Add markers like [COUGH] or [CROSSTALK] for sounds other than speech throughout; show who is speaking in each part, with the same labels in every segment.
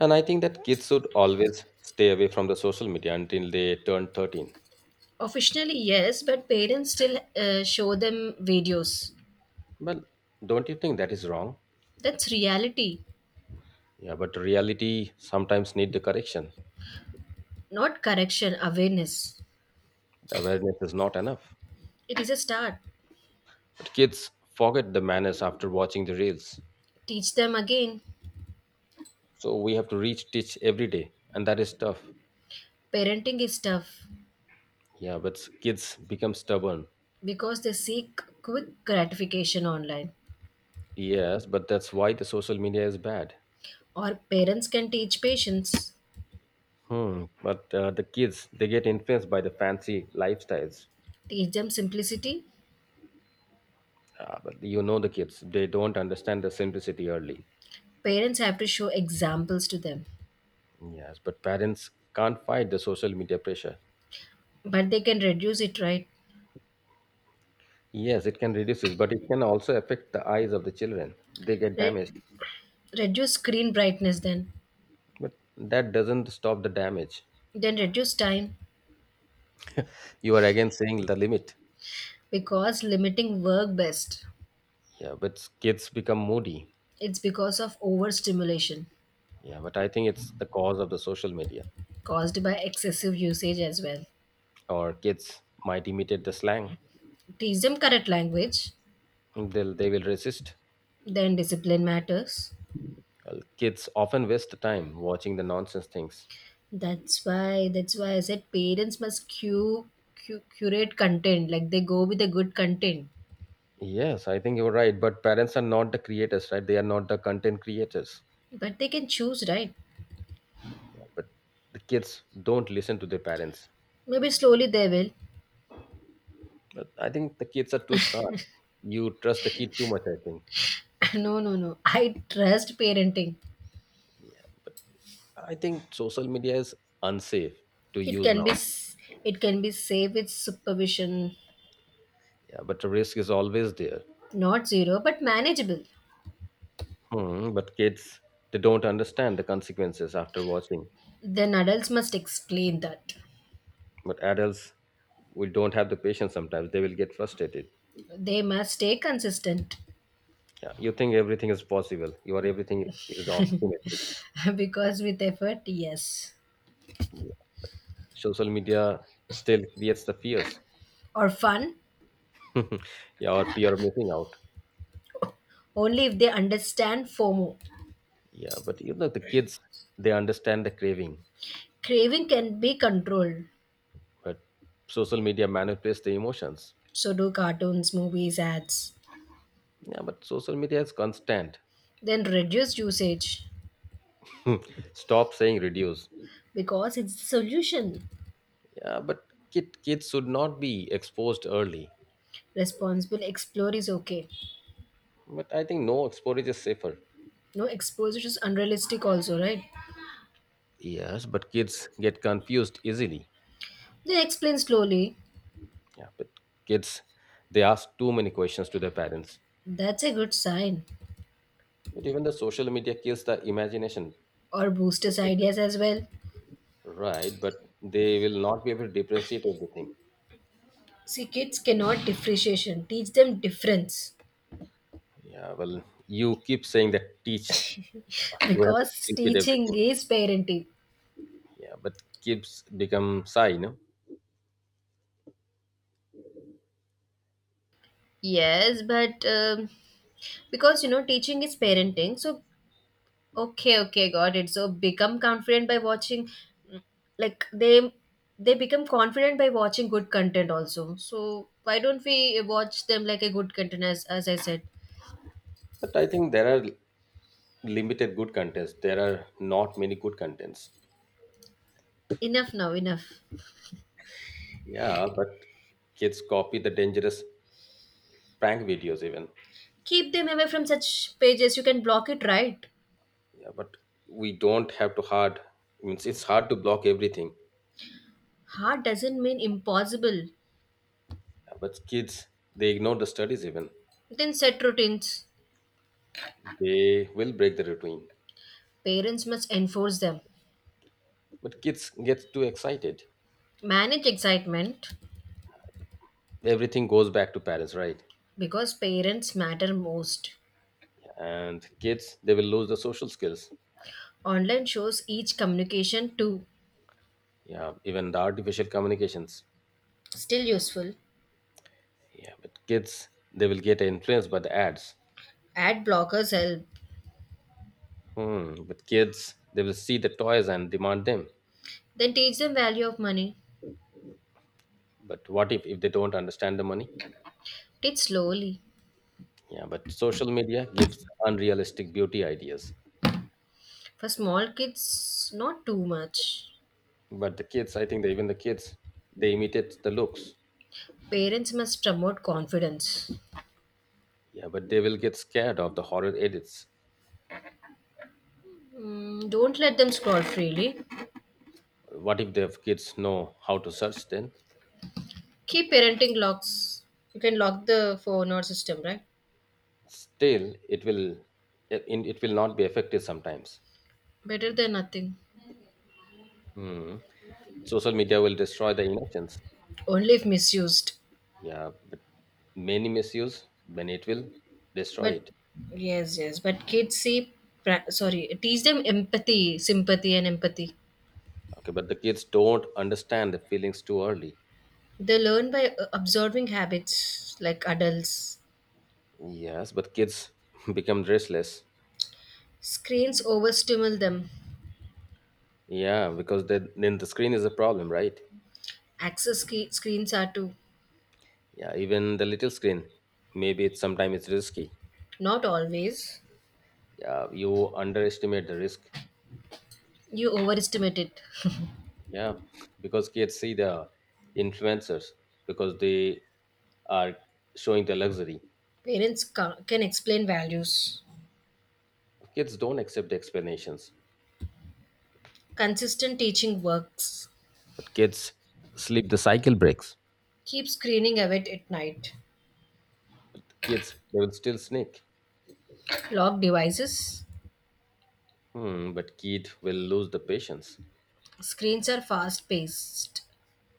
Speaker 1: And I think that kids should always stay away from the social media until they turn 13.
Speaker 2: Officially, yes, but parents still show them videos.
Speaker 1: Well, don't you think that is wrong?
Speaker 2: That's reality,
Speaker 1: Yeah, but reality sometimes need the correction.
Speaker 2: not correction, awareness.
Speaker 1: Awareness is not enough.
Speaker 2: It is a start.
Speaker 1: But kids forget the manners after watching the reels.
Speaker 2: Teach them again.
Speaker 1: So we have to reach teach every day, and that is tough.
Speaker 2: Parenting is tough
Speaker 1: Yeah, but kids become stubborn.
Speaker 2: because they seek quick gratification online.
Speaker 1: Yes, but that's why the social media is bad.
Speaker 2: Or parents can teach patience,
Speaker 1: Hmm. But the kids they get influenced by the fancy lifestyles.
Speaker 2: teach them simplicity.
Speaker 1: Ah, but you know the kids, they don't understand the simplicity early.
Speaker 2: Parents have to show examples to them,
Speaker 1: Yes, but parents can't fight the social media pressure.
Speaker 2: but they can reduce it, right?
Speaker 1: Yes, it can reduce this, but it can also affect the eyes of the children. They get
Speaker 2: Re-
Speaker 1: damaged,
Speaker 2: Reduce screen brightness,
Speaker 1: but that doesn't stop the damage.
Speaker 2: then reduce time
Speaker 1: You are again saying the limit.
Speaker 2: because limiting work best.
Speaker 1: Yeah, but kids become moody.
Speaker 2: It's because of overstimulation
Speaker 1: Yeah, but I think it's the cause of the social media.
Speaker 2: caused by excessive usage as well.
Speaker 1: Or kids might imitate the slang.
Speaker 2: Teach them correct language,
Speaker 1: They will resist.
Speaker 2: then discipline matters.
Speaker 1: Well, kids often waste time watching the nonsense things.
Speaker 2: That's why I said parents must curate content like they go with the good content,
Speaker 1: Yes, I think you're right. But parents are not the creators, right? They are not the content creators.
Speaker 2: but they can choose right.
Speaker 1: But the kids don't listen to their parents.
Speaker 2: Maybe slowly they will.
Speaker 1: But I think the kids are too smart. You trust the kid too much, I think.
Speaker 2: [LAUGHS] No, no, no. I trust parenting.
Speaker 1: Yeah. But I think social media is unsafe to
Speaker 2: It
Speaker 1: use
Speaker 2: can be
Speaker 1: nowadays.
Speaker 2: s- it can be safe with supervision,
Speaker 1: Yeah, but the risk is always there.
Speaker 2: not zero but manageable.
Speaker 1: Hmm, but kids, they don't understand the consequences after watching.
Speaker 2: Then adults must explain that.
Speaker 1: But adults, we don't have the patience sometimes. They will get frustrated.
Speaker 2: They must stay consistent
Speaker 1: Yeah, you think everything is possible. You are everything is optimistic.
Speaker 2: [LAUGHS] because with effort, yes.
Speaker 1: Social media still creates the fears.
Speaker 2: Or fun,
Speaker 1: [LAUGHS] yeah, or fear of missing out.
Speaker 2: only if they understand FOMO.
Speaker 1: Yeah, but you know the kids, they understand the craving.
Speaker 2: Craving can be controlled.
Speaker 1: But social media manipulates the emotions.
Speaker 2: So do cartoons, movies, ads.
Speaker 1: Yeah, but social media is constant.
Speaker 2: Then reduce usage
Speaker 1: Stop saying reduce.
Speaker 2: because it's the solution.
Speaker 1: Yeah, but kids should not be exposed early.
Speaker 2: Responsible explore is okay.
Speaker 1: But I think no exposure is safer.
Speaker 2: No exposure is unrealistic, also, right?
Speaker 1: Yes, but kids get confused easily.
Speaker 2: Then explain slowly.
Speaker 1: Yeah, but kids, they ask too many questions to their parents.
Speaker 2: That's a good sign.
Speaker 1: But even the social media kills the imagination.
Speaker 2: Or boosters ideas as well.
Speaker 1: Right, but they will not be able to differentiate everything.
Speaker 2: See, kids cannot differentiation. Teach them difference.
Speaker 1: Yeah, well, you keep saying that teach. You have to
Speaker 2: Because
Speaker 1: speak with
Speaker 2: teaching
Speaker 1: everything.
Speaker 2: is parenting.
Speaker 1: Yeah, but kids become shy, no?
Speaker 2: Yes, but because you know teaching is parenting, so okay, okay, got it. So become confident by watching, mm, like they become confident by watching good content also. So why don't we watch them like a good content as I said?
Speaker 1: But I think there are limited good contents. There are not many good contents.
Speaker 2: Enough now, enough.
Speaker 1: Yeah, but kids copy the dangerous prank videos even.
Speaker 2: Keep them away from such pages. You can block it, right?
Speaker 1: Yeah, but we don't have to hard. Means it's hard to block everything.
Speaker 2: Hard doesn't mean impossible.
Speaker 1: Yeah, but kids, they ignore the studies even.
Speaker 2: Then set routines.
Speaker 1: They will break the routine.
Speaker 2: Parents must enforce them.
Speaker 1: But kids get too excited.
Speaker 2: Manage excitement
Speaker 1: Everything goes back to parents, right?
Speaker 2: because parents matter most.
Speaker 1: And kids, they will lose the social skills.
Speaker 2: Online shows each communication too.
Speaker 1: Yeah, even the artificial communications.
Speaker 2: Still useful.
Speaker 1: Yeah, but kids, they will get influenced by the ads.
Speaker 2: Ad blockers help.
Speaker 1: Hmm. But kids, they will see the toys and demand them.
Speaker 2: Then teach them value of money.
Speaker 1: But what if they don't understand the money?
Speaker 2: Teach slowly.
Speaker 1: Yeah, but social media gives unrealistic beauty ideas.
Speaker 2: For small kids, not too much.
Speaker 1: But the kids, I think that even the kids, they imitate the looks.
Speaker 2: Parents must promote confidence.
Speaker 1: Yeah, but they will get scared of the horror edits.
Speaker 2: Mm, don't let them scroll freely.
Speaker 1: What if the kids know how to search, then?
Speaker 2: Keep parenting locks. You can lock the phone or system, right?
Speaker 1: Still it will, it will not be effective sometimes.
Speaker 2: Better than nothing.
Speaker 1: Hmm. Social media will destroy the innocence.
Speaker 2: Only if misused.
Speaker 1: Yeah, but many misuse when it will destroy
Speaker 2: But
Speaker 1: it.
Speaker 2: yes, yes. But kids see, sorry, teach them empathy, sympathy, and empathy.
Speaker 1: Okay, but the kids don't understand the feelings too early.
Speaker 2: They learn by observing habits like adults.
Speaker 1: Yes, but kids [LAUGHS] become restless.
Speaker 2: Screens overstimulate them.
Speaker 1: Yeah, because then the screen is a problem, right?
Speaker 2: Access screens are too.
Speaker 1: Yeah, even the little screen, maybe it's sometimes it's risky.
Speaker 2: Not always.
Speaker 1: Yeah, you underestimate the risk.
Speaker 2: You overestimate it.
Speaker 1: Yeah, because kids see the influencers, because they are showing the luxury.
Speaker 2: Parents can explain values.
Speaker 1: Kids don't accept explanations,
Speaker 2: Consistent teaching works.
Speaker 1: but kids sleep the cycle breaks.
Speaker 2: Keep screening away at night.
Speaker 1: Kids, they will still sneak.
Speaker 2: Lock devices.
Speaker 1: Hmm, but kid will lose the patience.
Speaker 2: Screens are fast paced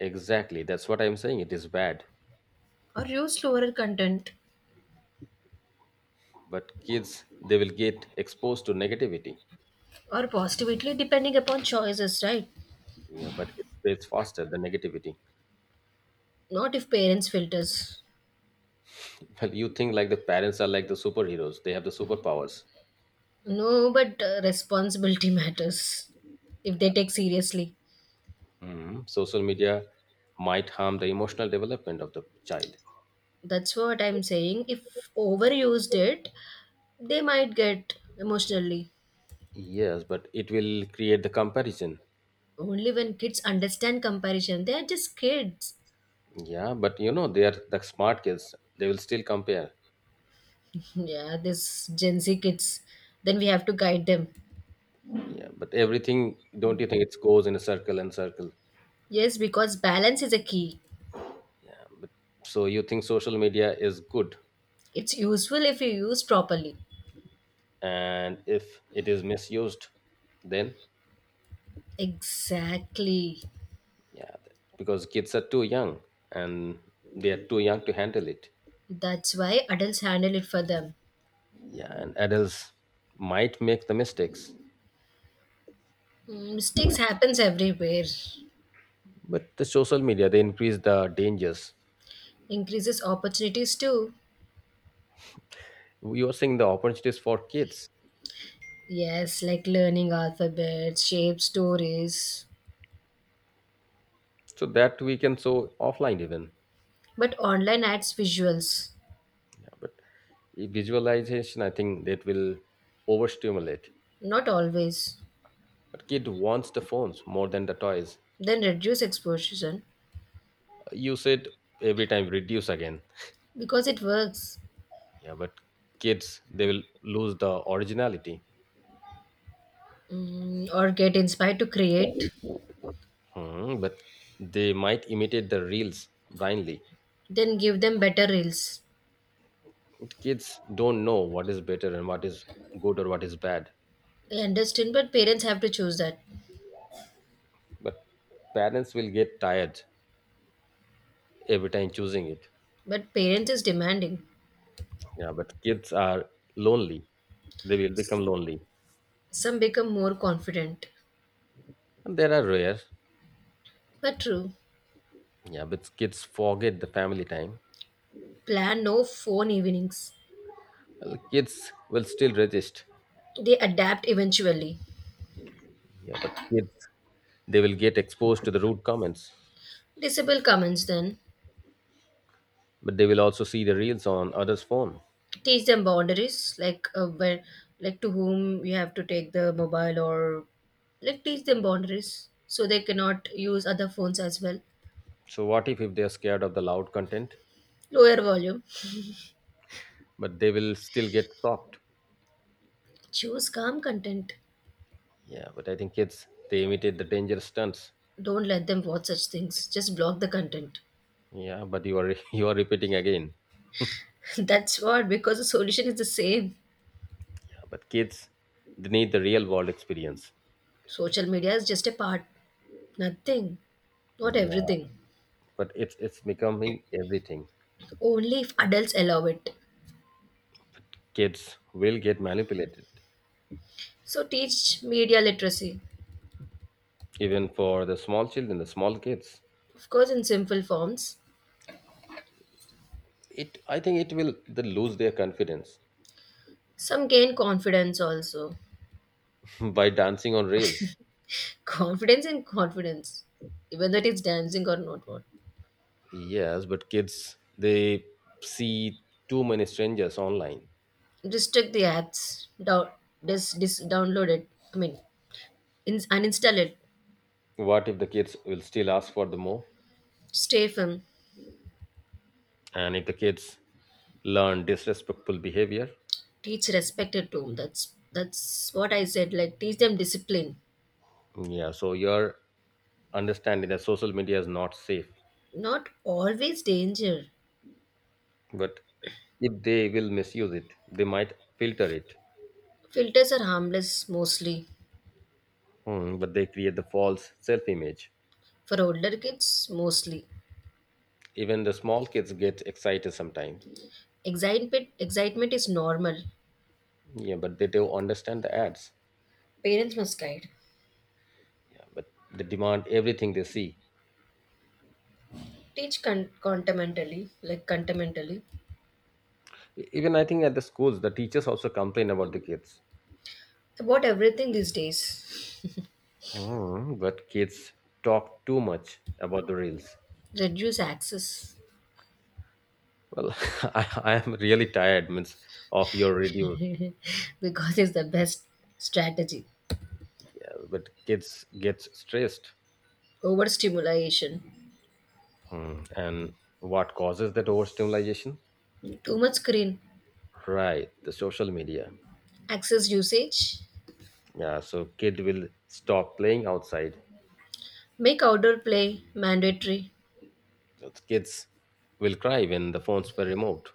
Speaker 1: Exactly, that's what I'm saying. It is bad,
Speaker 2: or use slower content.
Speaker 1: but kids they will get exposed to negativity.
Speaker 2: Or positively depending upon choices, right?
Speaker 1: Yeah, but it spreads faster the negativity.
Speaker 2: Not if parents filters.
Speaker 1: Well, you think like the parents are like the superheroes; they have the superpowers.
Speaker 2: No, but responsibility [LAUGHS] matters if they take seriously.
Speaker 1: Hmm. Social media might harm the emotional development of the child.
Speaker 2: That's what I'm saying, if overused it they might get emotionally
Speaker 1: Yes, but it will create the comparison.
Speaker 2: only when kids understand comparison. They are just kids.
Speaker 1: Yeah, but you know, they are the smart kids. They will still compare.
Speaker 2: [LAUGHS] Yeah, this gen z kids, then we have to guide them,
Speaker 1: Yeah, but everything, don't you think it goes in a circle and circle?
Speaker 2: yes, because balance is a key.
Speaker 1: Yeah, but so you think social media is good,
Speaker 2: It's useful if you use properly.
Speaker 1: and if it is misused, then
Speaker 2: Exactly.
Speaker 1: yeah, because kids are too young and they are too young to handle it.
Speaker 2: That's why adults handle it for them.
Speaker 1: Yeah, and adults might make the mistakes,
Speaker 2: Mm, mistakes happens everywhere.
Speaker 1: but the social media they increase the dangers.
Speaker 2: Increases opportunities too.
Speaker 1: You are seeing the opportunities for kids,
Speaker 2: Yes, like learning alphabets, shape stories.
Speaker 1: so that we can show offline even.
Speaker 2: But online adds visuals.
Speaker 1: Yeah, but visualization, I think that will overstimulate.
Speaker 2: Not always.
Speaker 1: But kid wants the phones more than the toys.
Speaker 2: Then reduce exposure
Speaker 1: You said every time reduce again.
Speaker 2: because it works.
Speaker 1: Yeah, but kids, they will lose the originality.
Speaker 2: Mm, or get inspired to create.
Speaker 1: Hmm, but they might imitate the reels blindly.
Speaker 2: Then give them better reels.
Speaker 1: Kids don't know what is better and what is good or what is bad.
Speaker 2: I understand, but parents have to choose that.
Speaker 1: But parents will get tired every time choosing it.
Speaker 2: But parents is demanding.
Speaker 1: Yeah, but kids are lonely, they will become lonely,
Speaker 2: Some become more confident.
Speaker 1: and there are rare.
Speaker 2: But true.
Speaker 1: Yeah, but kids forget the family time.
Speaker 2: Plan no phone evenings.
Speaker 1: Well, kids will still resist.
Speaker 2: They adapt eventually.
Speaker 1: Yeah, but kids, they will get exposed to the rude comments,
Speaker 2: Disable comments then.
Speaker 1: but they will also see the reels on others' phone.
Speaker 2: Teach them boundaries, like where, like to whom you have to take the mobile, or like teach them boundaries so they cannot use other phones as well.
Speaker 1: So what if they are scared of the loud content,
Speaker 2: Lower volume.
Speaker 1: but they will still get shocked?
Speaker 2: Choose calm content.
Speaker 1: Yeah, but I think kids they imitate the dangerous stunts.
Speaker 2: Don't let them watch such things. Just block the content.
Speaker 1: Yeah, but you are [LAUGHS] you are repeating again.
Speaker 2: [LAUGHS] That's what, because the solution is the same.
Speaker 1: Yeah, but kids, they need the real world experience.
Speaker 2: Social media is just a part. Nothing. Not
Speaker 1: Yeah,
Speaker 2: everything.
Speaker 1: but it's becoming everything.
Speaker 2: Only if adults allow it.
Speaker 1: Kids will get manipulated.
Speaker 2: So teach media literacy,
Speaker 1: Even for the small children, the small kids,
Speaker 2: of course, in simple forms.
Speaker 1: it I think it will they lose their confidence
Speaker 2: Some gain confidence also.
Speaker 1: [LAUGHS] by dancing on rails.
Speaker 2: [LAUGHS] Confidence in confidence, whether it's dancing or not what.
Speaker 1: Yes, but kids, they see too many strangers online.
Speaker 2: Restrict the ads, down, download it. I mean, uninstall it.
Speaker 1: What if the kids will still ask for the more?
Speaker 2: Stay firm.
Speaker 1: And if the kids learn disrespectful behavior,
Speaker 2: Teach respect at home. That's what I said. Like teach them discipline.
Speaker 1: yeah. So you're understanding that social media is not safe,
Speaker 2: Not always danger.
Speaker 1: but if they will misuse it, they might filter it.
Speaker 2: Filters are harmless mostly.
Speaker 1: Hmm, but they create the false self image.
Speaker 2: For older kids, mostly.
Speaker 1: Even the small kids get excited sometimes.
Speaker 2: Excitement is normal.
Speaker 1: Yeah, but they don't understand the ads.
Speaker 2: Parents must guide,
Speaker 1: Yeah, but they demand everything they see.
Speaker 2: teach contamentally, like contamentally,
Speaker 1: Even I think at the schools the teachers also complain about the kids.
Speaker 2: about everything these days.
Speaker 1: Hmm, but kids talk too much about the reels.
Speaker 2: Reduce access
Speaker 1: Well, [LAUGHS] I am really tired means of your reviews.
Speaker 2: [LAUGHS] because it's the best strategy.
Speaker 1: But kids get stressed.
Speaker 2: Overstimulation,
Speaker 1: Hmm, and what causes that overstimulation?
Speaker 2: too much screen,
Speaker 1: Right, the social media.
Speaker 2: access usage,
Speaker 1: Yeah, so kid will stop playing outside.
Speaker 2: make outdoor play mandatory.
Speaker 1: Those kids will cry when the phones were removed.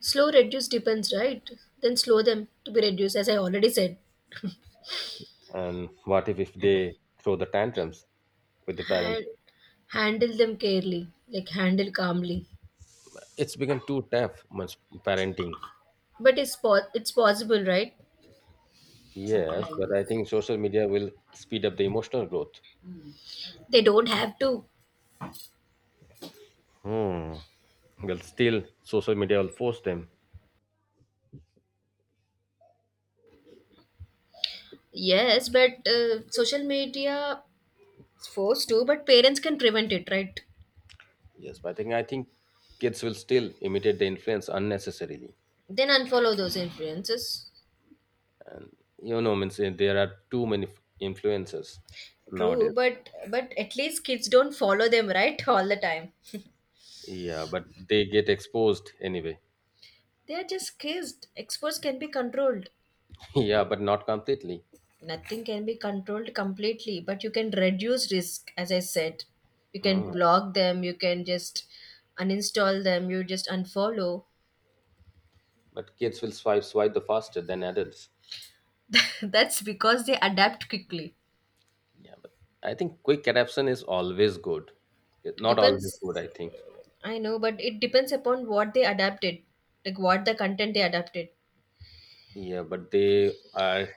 Speaker 2: Slow reduce depends, right? Then slow them to be reduced, as I already said.
Speaker 1: And what if, they throw the tantrums with the parents?
Speaker 2: And handle them carefully, like handle calmly.
Speaker 1: It's become too tough, much parenting.
Speaker 2: But it's possible, right?
Speaker 1: Yes, but I think social media will speed up the emotional growth.
Speaker 2: They don't have to.
Speaker 1: Hmm. Well, still, social media will force them.
Speaker 2: Yes, but social media is forced to, but parents can prevent it, right?
Speaker 1: Yes, but I think kids will still imitate the influence unnecessarily.
Speaker 2: Then unfollow those influences.
Speaker 1: You know, means there are too many influencers
Speaker 2: True,
Speaker 1: nowadays.
Speaker 2: but at least kids don't follow them, right? [LAUGHS] All the time.
Speaker 1: Yeah, but they get exposed anyway.
Speaker 2: They are just kids. Experts can be controlled.
Speaker 1: [LAUGHS] yeah, but not completely.
Speaker 2: Nothing can be controlled completely, but you can reduce risk, as I said. You can
Speaker 1: Hmm.
Speaker 2: block them, you can just uninstall them, you just unfollow.
Speaker 1: But kids will swipe the faster than adults.
Speaker 2: [LAUGHS] That's because they adapt quickly.
Speaker 1: Yeah, but I think quick adaptation is always good. Not always
Speaker 2: Depends.
Speaker 1: good, I think.
Speaker 2: I know, but it depends upon what they adapted, like what the content they adapted.
Speaker 1: Yeah, but they are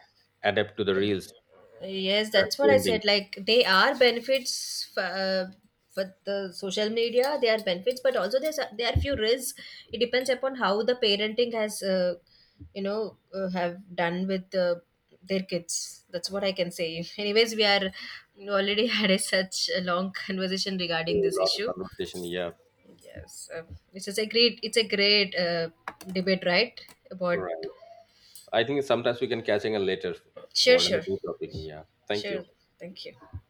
Speaker 1: adapt to the reels that
Speaker 2: Yes,
Speaker 1: are
Speaker 2: that's what I
Speaker 1: trending.
Speaker 2: said. Like they are benefits for the social media. They are benefits, but also there are few risks. It depends upon how the parenting has, you know, have done with their kids. That's what I can say. [LAUGHS] Anyways, we already [LAUGHS] had a such a long conversation
Speaker 1: A
Speaker 2: regarding this
Speaker 1: lot of
Speaker 2: issue.
Speaker 1: conversation. Yeah,
Speaker 2: Yes, it's just a great. It's a great debate, right? About
Speaker 1: right. I think sometimes we can catch again later
Speaker 2: Sure,
Speaker 1: for another
Speaker 2: sure,
Speaker 1: topic. Yeah, thank you.
Speaker 2: sure. Thank you.